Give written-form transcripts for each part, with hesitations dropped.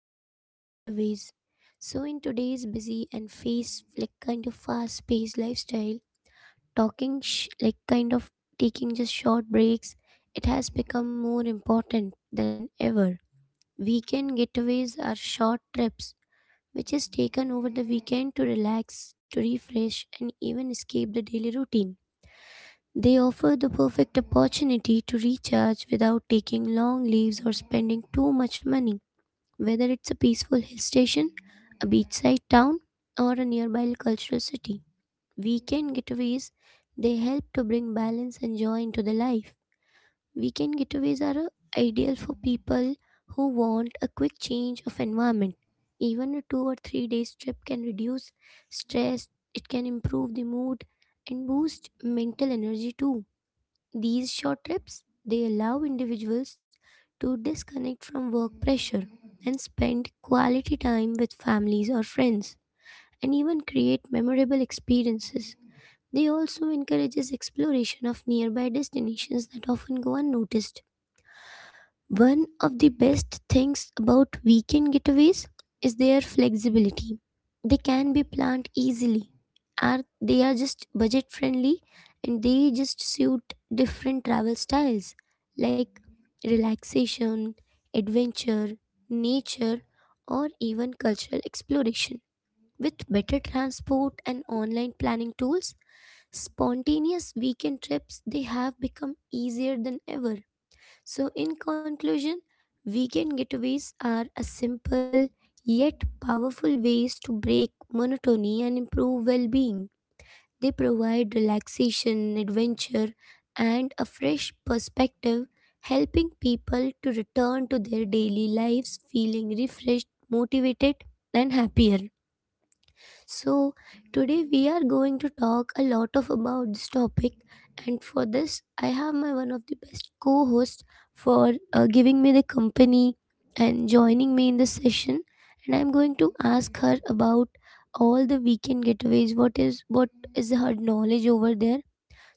the weekend getaways. So in today's busy and face like kind of fast-paced lifestyle, like kind of taking just short breaks, it has become more important than ever. Weekend getaways are short trips which is taken over the weekend to relax, to refresh and even escape the daily routine. They offer the perfect opportunity to recharge without taking long leaves or spending too much money, whether it's a peaceful hill station, a beachside town, or a nearby cultural city. Weekend getaways they help to bring balance and joy into the life. Weekend getaways are ideal for people who want a quick change of environment. Even a 2 or 3 days trip can reduce stress, it can improve the mood and boost mental energy too. These short trips they allow individuals to disconnect from work pressure and spend quality time with families or friends and even create memorable experiences. They also encourages exploration of nearby destinations that often go unnoticed. One of the best things about weekend getaways is their flexibility. They can be planned easily. Are they are just budget friendly and they just suit different travel styles like relaxation, adventure, nature or even cultural exploration. With better transport and online planning tools, spontaneous weekend trips they have become easier than ever. So, in conclusion, weekend getaways are a simple yet powerful ways to break monotony and improve well being. They provide relaxation, adventure, and a fresh perspective, helping people to return to their daily lives feeling refreshed, motivated, and happier. So, today we are going to talk a lot of about this topic and for this I have my one of the best co-host for giving me the company and joining me in this session and I'm going to ask her about all the weekend getaways what is her knowledge over there,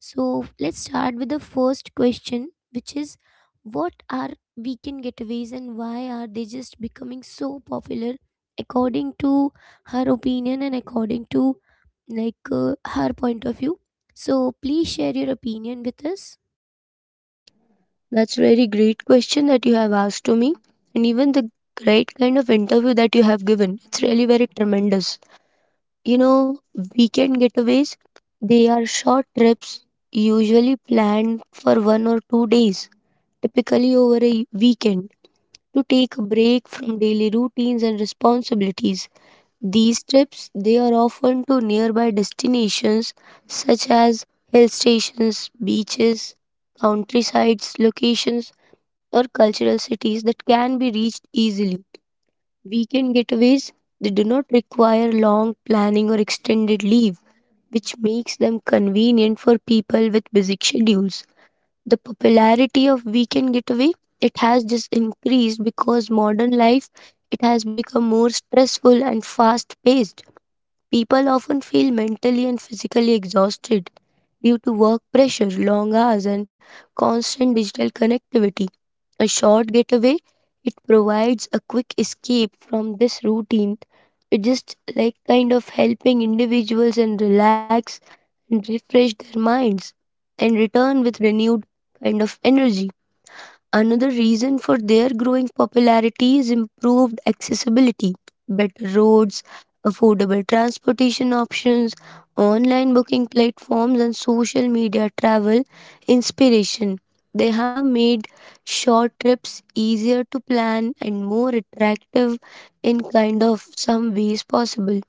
so let's start with the first question, which is what are weekend getaways and why are they just becoming so popular according to her opinion and according to like her point of view? So please share your opinion with us. That's very great question that you have asked to me, and even the great kind of interview that you have given. It's really very tremendous. You know, weekend getaways, they are short trips, usually planned for 1 or 2 days, typically over a weekend, to take a break from daily routines and responsibilities. These trips, they are often to nearby destinations such as hill stations, beaches, countrysides, locations or cultural cities that can be reached easily. Weekend getaways, they do not require long planning or extended leave, which makes them convenient for people with busy schedules. The popularity of weekend getaway, it has just increased because modern life it has become more stressful and fast paced. People often feel mentally and physically exhausted due to work pressure, long hours and constant digital connectivity. A short getaway, it provides a quick escape from this routine. It just like kind of helping individuals and relax and refresh their minds and return with renewed kind of energy. Another reason for their growing popularity is improved accessibility, better roads, affordable transportation options, online booking platforms, and social media travel inspiration. They have made short trips easier to plan and more attractive in kind of some ways possible.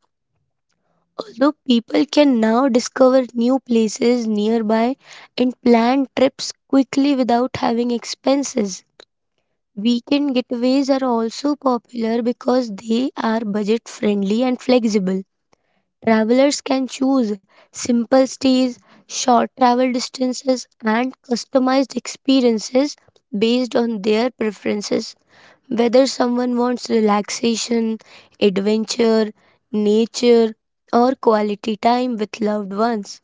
Although people can now discover new places nearby and plan trips quickly without having expenses. Weekend getaways are also popular because they are budget friendly and flexible. Travelers can choose simple stays, short travel distances, and customized experiences based on their preferences. Whether someone wants relaxation, adventure, nature, or quality time with loved ones,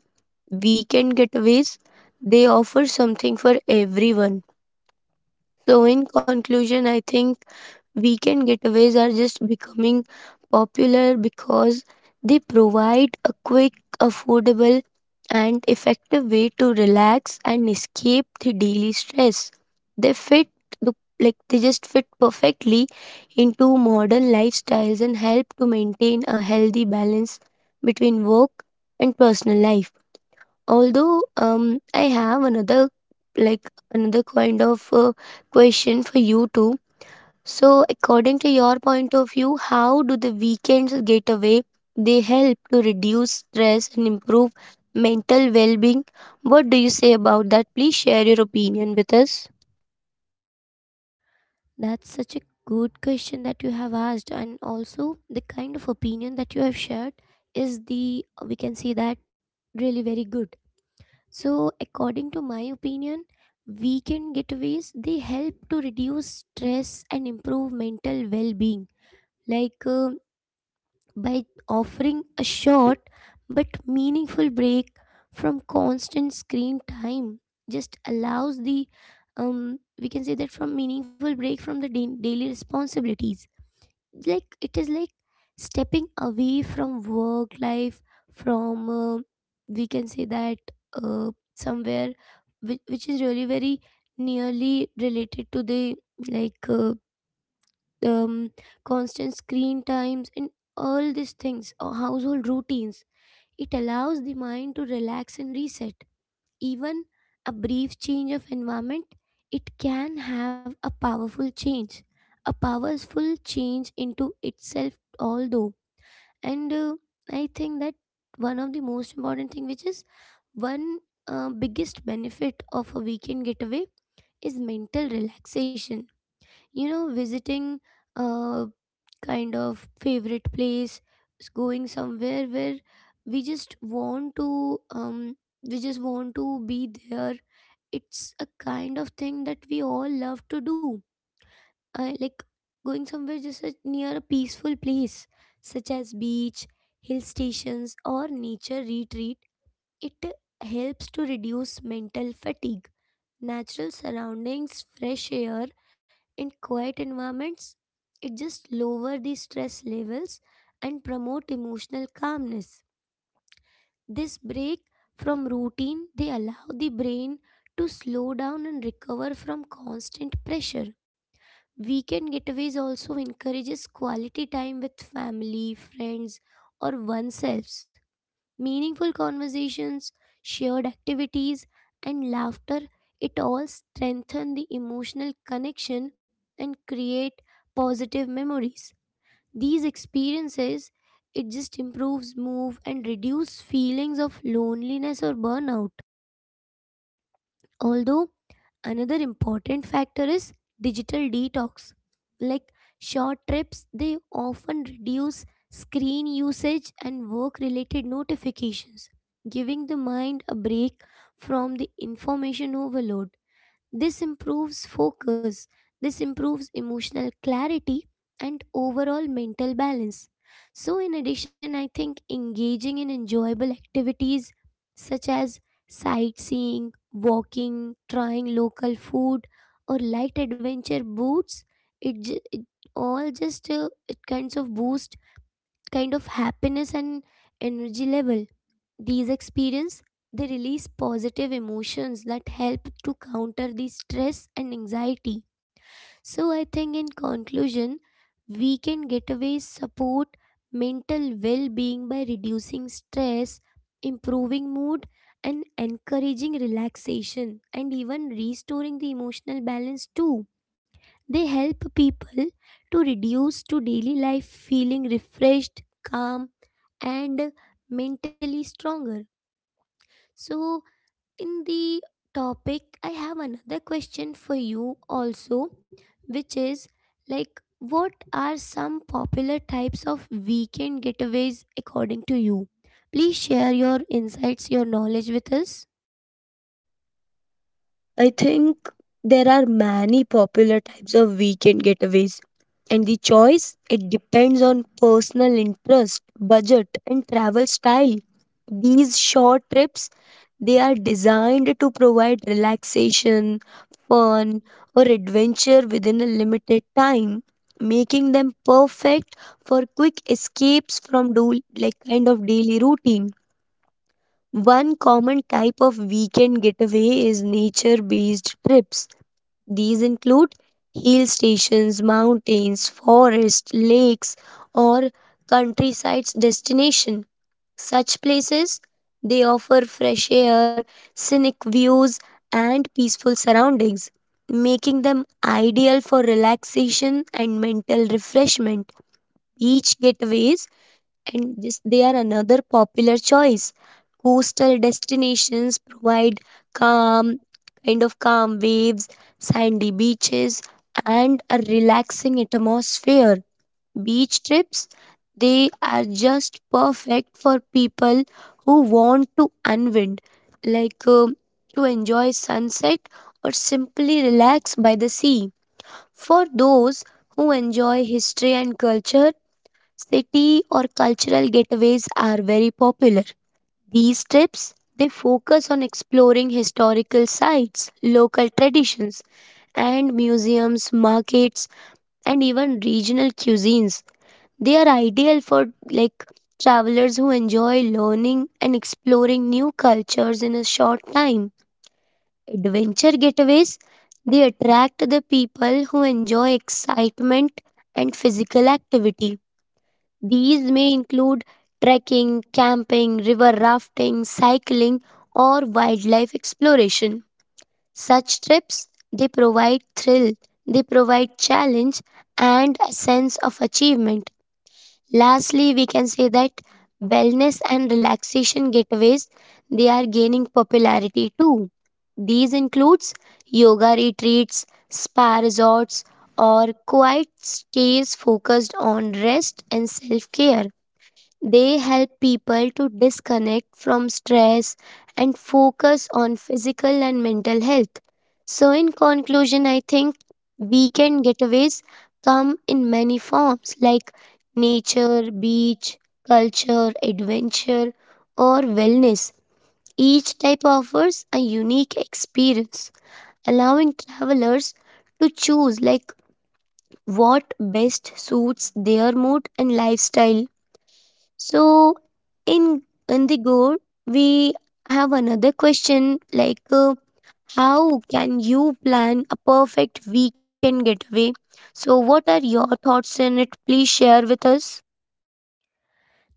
weekend getaways they offer something for everyone. So, in conclusion, I think weekend getaways are just becoming popular because they provide a quick, affordable, and effective way to relax and escape the daily stress. They fit the Like they just fit perfectly into modern lifestyles and help to maintain a healthy balance between work and personal life. Although I have another kind of question for you too. So, according to your point of view, how do the weekends getaway? They help to reduce stress and improve mental well being. What do you say about that? Please share your opinion with us. That's such a good question that you have asked, and also the kind of opinion that you have shared is the we can say that really very good. So, according to my opinion, weekend getaways they help to reduce stress and improve mental well-being. Like by offering a short but meaningful break from constant screen time, just allows the we can say that from meaningful break from the daily responsibilities, like it is like stepping away from work life from we can say that somewhere which is really very nearly related to the like um, constant screen times and all these things or household routines. It allows the mind to relax and reset. Even a brief change of environment, it can have a powerful change into itself, although. And I think that one of the most important thing which is one biggest benefit of a weekend getaway is mental relaxation. You know, visiting a kind of favorite place, going somewhere where we just want to um we just want to be there, it's a kind of thing that we all love to do. I like going somewhere just near a peaceful place such as beach, hill stations or nature retreat. It helps to reduce mental fatigue. Natural surroundings, fresh air, and quiet environments, it just lower the stress levels and promote emotional calmness. This break from routine, they allow the brain to slow down and recover from constant pressure. Weekend getaways also encourages quality time with family, friends, or oneself. Meaningful conversations, shared activities, and laughter, it all strengthen the emotional connection and create positive memories. These experiences, it just improves mood and reduce feelings of loneliness or burnout. Although another important factor is digital detox. Like short trips, they often reduce screen usage and work related notifications, giving the mind a break from the information overload. This improves focus, this improves emotional clarity, and overall mental balance. So, in addition, I think engaging in enjoyable activities such as sightseeing, walking, trying local food, or light adventure boots, it all just it kinds of boost kind of happiness and energy level. These experiences they release positive emotions that help to counter the stress and anxiety. So I think in conclusion, weekend getaways support mental well-being by reducing stress, improving mood and encouraging relaxation and even restoring the emotional balance too. They help people to reduce to daily life feeling refreshed, calm and mentally stronger. So in the topic I have another question for you also, which is like what are some popular types of weekend getaways according to you? Please share your insights, your knowledge with us. I think there are many popular types of weekend getaways, and the choice it depends on personal interest, budget, and travel style. These short trips they are designed to provide relaxation, fun, or adventure within a limited time, making them perfect for quick escapes from like kind of daily routine. One common type of weekend getaway is nature-based trips. These include hill stations, mountains, forests, lakes, or countryside destinations. Such places they offer fresh air, scenic views, and peaceful surroundings, making them ideal for relaxation and mental refreshment. Beach getaways and this, they are another popular choice. Coastal destinations provide calm, kind of calm waves, sandy beaches, and a relaxing atmosphere. Beach trips, they are just perfect for people who want to unwind, like to enjoy sunset or simply relax by the sea. For those who enjoy history and culture, city or cultural getaways are very popular. These trips they focus on exploring historical sites, local traditions, and museums, markets, and even regional cuisines. They are ideal for like travelers who enjoy learning and exploring new cultures in a short time. Adventure getaways they attract the people who enjoy excitement and physical activity. These may include trekking, camping, river rafting, cycling, or wildlife exploration. Such trips they provide thrill, they provide challenge and a sense of achievement. Lastly, we can say that wellness and relaxation getaways they are gaining popularity too. These includes yoga retreats, spa resorts or quiet stays focused on rest and self-care. They help people to disconnect from stress and focus on physical and mental health. So, in conclusion, I think weekend getaways come in many forms like nature, beach, culture, adventure, or wellness. Each type offers a unique experience, allowing travelers to choose like what best suits their mood and lifestyle. So in the Indigo, we have another question like how can you plan a perfect weekend getaway? So what are your thoughts in it? Please share with us.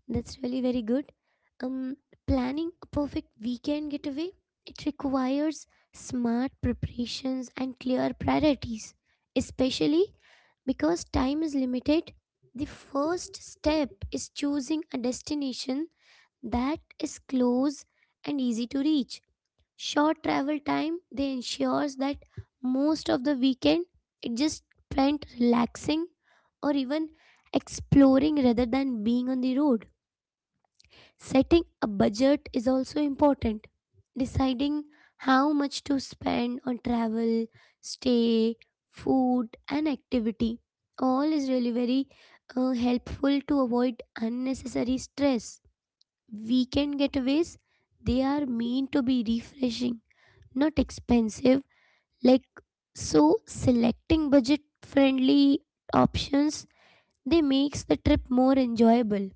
That's really very good. Um, Planning a perfect weekend getaway it requires smart preparations and clear priorities, especially because time is limited. The first step is choosing a destination that is close and easy to reach. Short travel time they ensures that most of the weekend it just spent relaxing or even exploring rather than being on the road. Setting a budget is also important. Deciding how much to spend on travel, stay, food, and activity all is really very helpful to avoid unnecessary stress. Weekend getaways they are meant to be refreshing, not expensive. Like so, selecting budget-friendly options they makes the trip more enjoyable.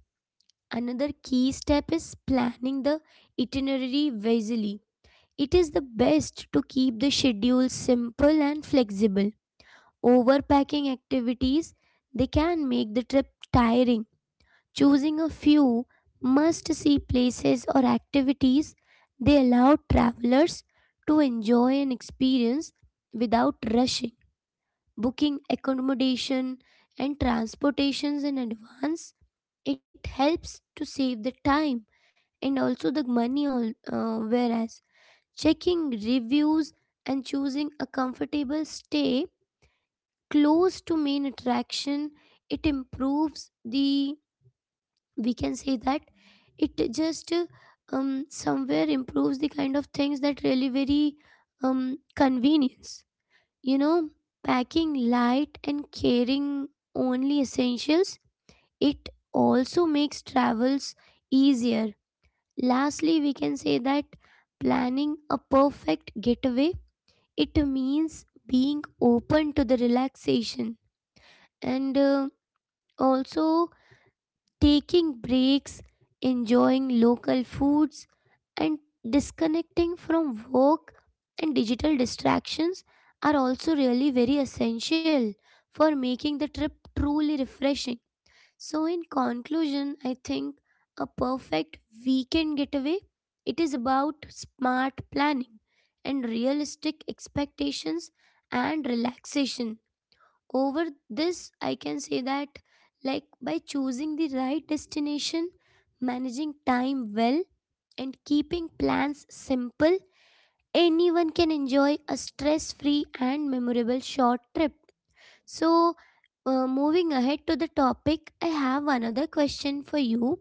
Another key step is planning the itinerary wisely. It is the best to keep the schedule simple and flexible. Overpacking activities they can make the trip tiring. Choosing a few must-see places or activities they allow travelers to enjoy an experience without rushing. Booking accommodation and transportations in advance it helps to save the time and also the money all, whereas checking reviews and choosing a comfortable stay close to main attraction it improves the we can say that it just somewhere improves the kind of things that really very convenience. You know, packing light and carrying only essentials it also makes travels easier. Lastly, we can say that planning a perfect getaway it means being open to the relaxation and also taking breaks, enjoying local foods and disconnecting from work and digital distractions are also really very essential for making the trip truly refreshing. So in conclusion, I think a perfect weekend getaway it is about smart planning and realistic expectations and relaxation. Over this, I can say that like by choosing the right destination, managing time well and keeping plans simple, anyone can enjoy a stress-free and memorable short trip. So, moving ahead to the topic, I have another question for you.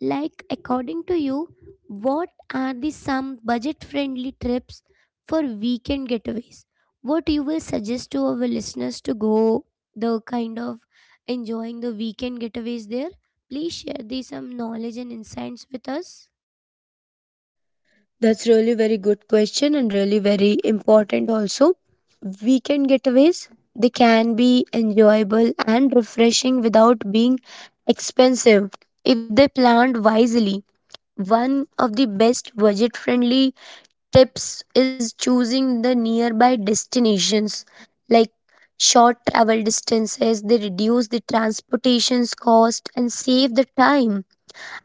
Like, according to you, what are the some budget friendly trips for weekend getaways? What you will suggest to our listeners to go the kind of enjoying the weekend getaways there? Please share the some knowledge and insights with us. That's really very good question and really very important also. Weekend getaways, they can be enjoyable and refreshing without being expensive if they planned wisely. One of the best budget friendly tips is choosing the nearby destinations like short travel distances they reduce the transportation's cost and save the time,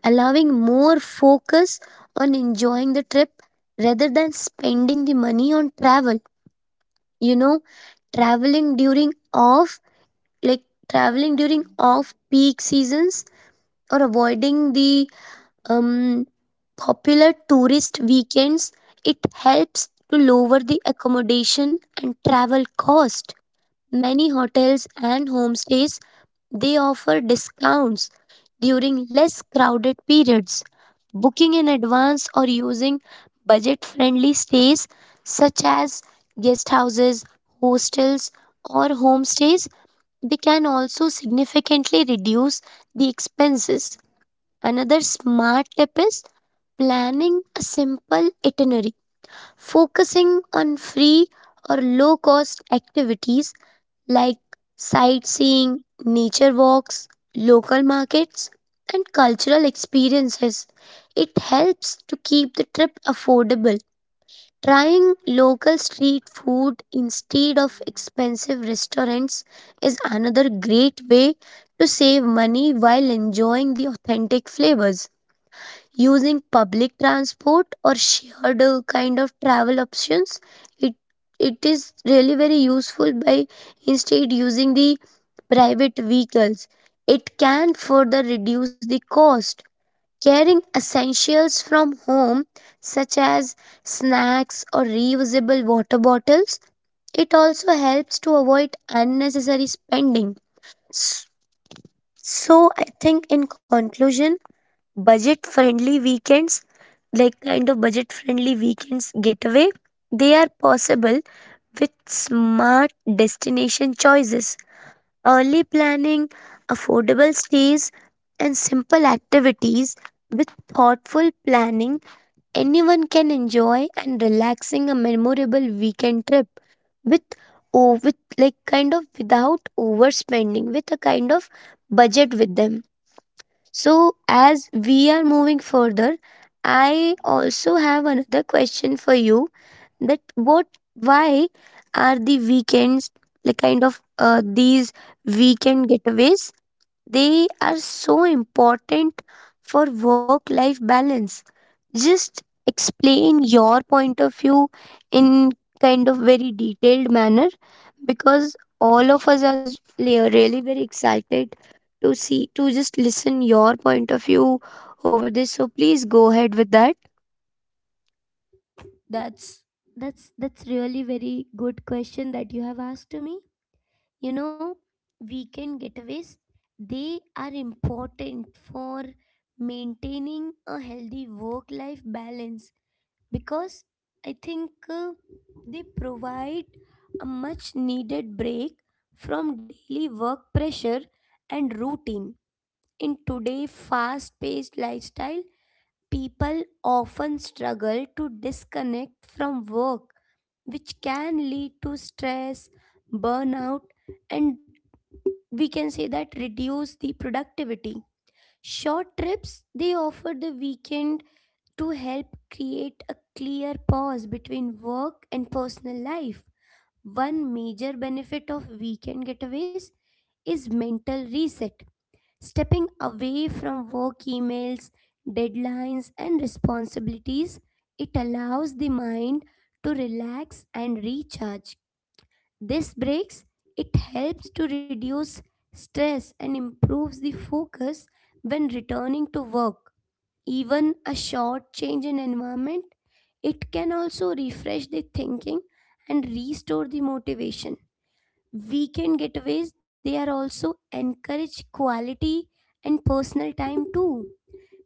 allowing more focus on enjoying the trip rather than spending the money on travel. you know traveling during off like Traveling during off peak seasons or avoiding the um, popular tourist weekends, it helps to lower the accommodation and travel cost. Many hotels and homestays they offer discounts during less crowded periods. Booking in advance or using budget friendly stays such as guest houses, hostels, or homestays, they can also significantly reduce the expenses. Another smart tip is planning a simple itinerary, focusing on free or low cost activities like sightseeing, nature walks, local markets, and cultural experiences. It helps to keep the trip affordable. Trying local street food instead of expensive restaurants is another great way to save money while enjoying the authentic flavors. Using public transport or shared kind of travel options, it it is really very useful. By instead using the private vehicles it can further reduce the cost. Carrying essentials from home such as snacks or reusable water bottles, it also helps to avoid unnecessary spending. S- so I think in conclusion, budget friendly weekends, getaway, they are possible with smart destination choices, early planning, affordable stays and simple activities. With thoughtful planning, anyone can enjoy and relaxing a memorable weekend trip with without overspending, with a kind of budget with them. So, as we are moving further, I also have another question for you. That what why are the weekends like kind of these weekend getaways, they are so important for work life balance? Just explain your point of view in kind of very detailed manner, because all of us are really very excited to see to just listen your point of view over this. So please go ahead with that. That's that's really very good question that you have asked to me. You know, weekend getaways, they are important for maintaining a healthy work life balance because I think they provide a much needed break from daily work pressure and routine. In today's fast paced lifestyle, people often struggle to disconnect from work, which can lead to stress, burnout, and we can say that reduce the productivity. Short trips they offer the weekend to help create a clear pause between work and personal life. One major benefit of weekend getaways is mental reset. Stepping away from work emails, deadlines and responsibilities it allows the mind to relax and recharge. This breaks, it helps to reduce stress and improves the focus when returning to work. Even a short change in environment, it can also refresh the thinking and restore the motivation. Weekend getaways, they are also encourage quality and personal time too.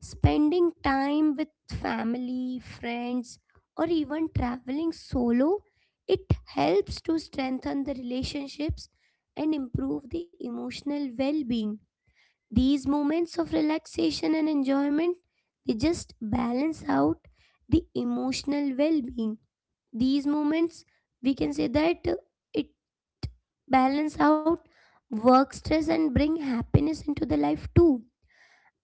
Spending time with family, friends, or even traveling solo, it helps to strengthen the relationships and improve the emotional well-being. These moments of relaxation and enjoyment, they just balance out the emotional well-being. These moments, we can say that it balance out work stress and bring happiness into the life too.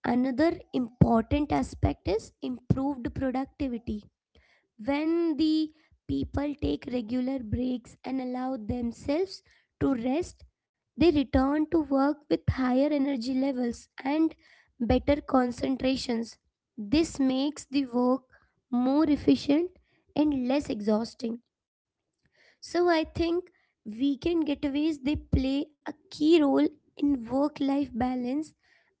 Another important aspect is improved productivity. When the people take regular breaks and allow themselves to rest, they return to work with higher energy levels and better concentrations. This makes the work more efficient and less exhausting. So I think weekend getaways they play a key role in work life balance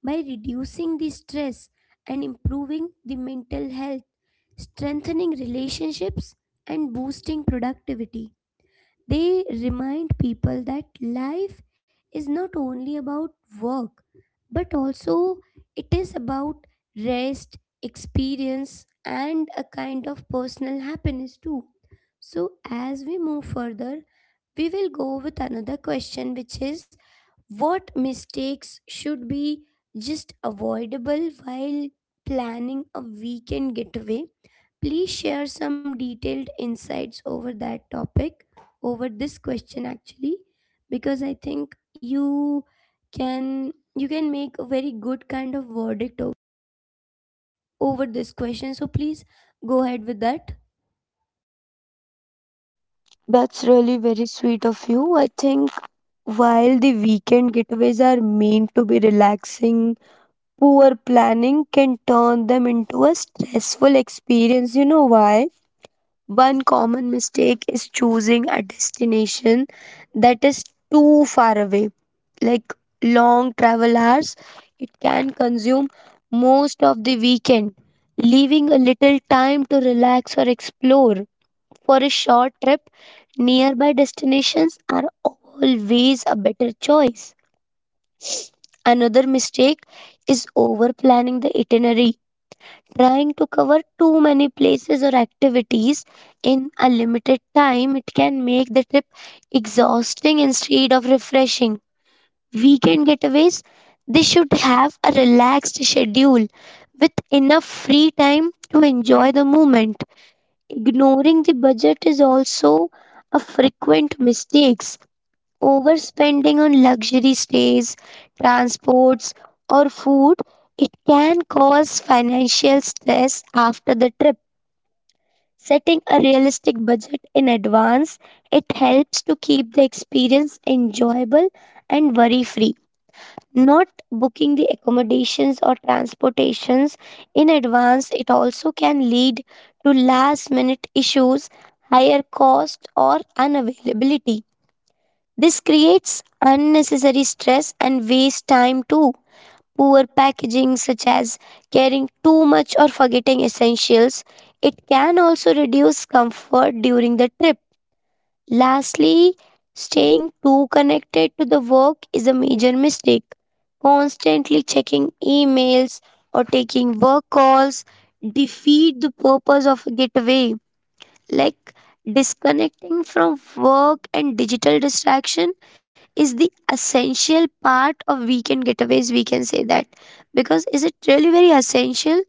by reducing the stress and improving the mental health, strengthening relationships and boosting productivity. They remind people that life is not only about work but also it is about rest, experience and a kind of personal happiness too. So as we move further, we will go with another question, which is what mistakes should be just avoidable while planning a weekend getaway? Please share some detailed insights over that topic, over this question actually, because I think you can make a very good kind of verdict over this question. So please go ahead with that. That's really very sweet of you. I think while the weekend getaways are meant to be relaxing, poor planning can turn them into a stressful experience. You know why? One common mistake is choosing a destination that is too far away. Like long travel hours, it can consume most of the weekend, leaving a little time to relax or explore. For a short trip, nearby destinations are always a better choice. Another mistake is over planning the itinerary. Trying to cover too many places or activities in a limited time, it can make the trip exhausting instead of refreshing. Weekend getaways, they should have a relaxed schedule with enough free time to enjoy the moment. Ignoring the budget is also a frequent mistake. Overspending on luxury stays, transports, or food, it can cause financial stress after the trip. Setting a realistic budget in advance, it helps to keep the experience enjoyable and worry free. Not booking the accommodations or transportations in advance, it also can lead to last minute issues, higher cost, or unavailability. This creates unnecessary stress and waste time too. Poor packaging, such as carrying too much or forgetting essentials, it can also reduce comfort during the trip. Lastly, staying too connected to the work is a major mistake. Constantly checking emails or taking work calls defeat the purpose of a getaway. Like disconnecting from work and digital distraction is the essential part of weekend getaways, we can say that. Because is it really very essential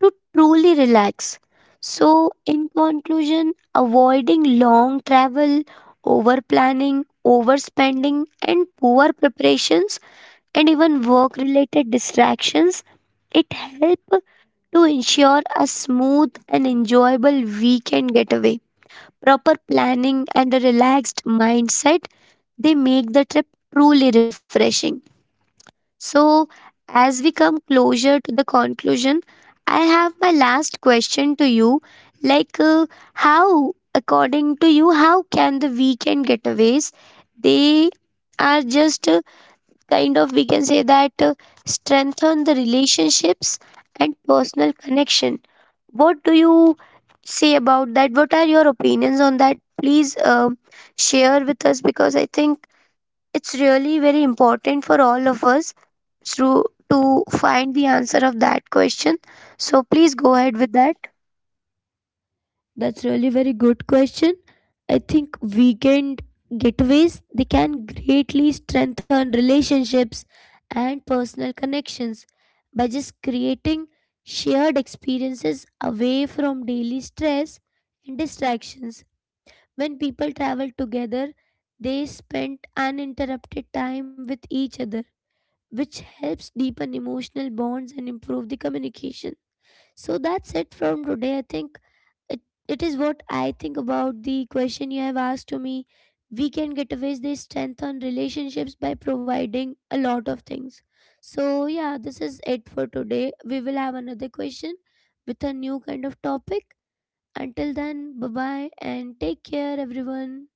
to truly relax? So, in conclusion, avoiding long travel, over planning, overspending, and poor preparations, and even work related distractions, it help to ensure a smooth and enjoyable weekend getaway. Proper planning, and a relaxed mindset, they make the trip truly refreshing. So, as we come closer to the conclusion, I have my last question to you. Like, how, according to you, how can the weekend getaways, they are just kind of, we can say that, strengthen the relationships and personal connection? What do you say about that? What are your opinions on that? Please share with us because I think it's really very important for all of us through to find the answer of that question. So please go ahead with that. That's really very good question. I think weekend getaways they can greatly strengthen relationships and personal connections by just creating shared experiences away from daily stress and distractions. When people travel together, they spend uninterrupted time with each other, which helps deepen emotional bonds and improve the communication. So that's it from today. I think it, it is what I think about the question you have asked to me. Weekend getaways, they strengthen relationships by providing a lot of things. So, yeah, this is it for today. We will have another question with a new kind of topic. Until then, bye bye and take care, everyone.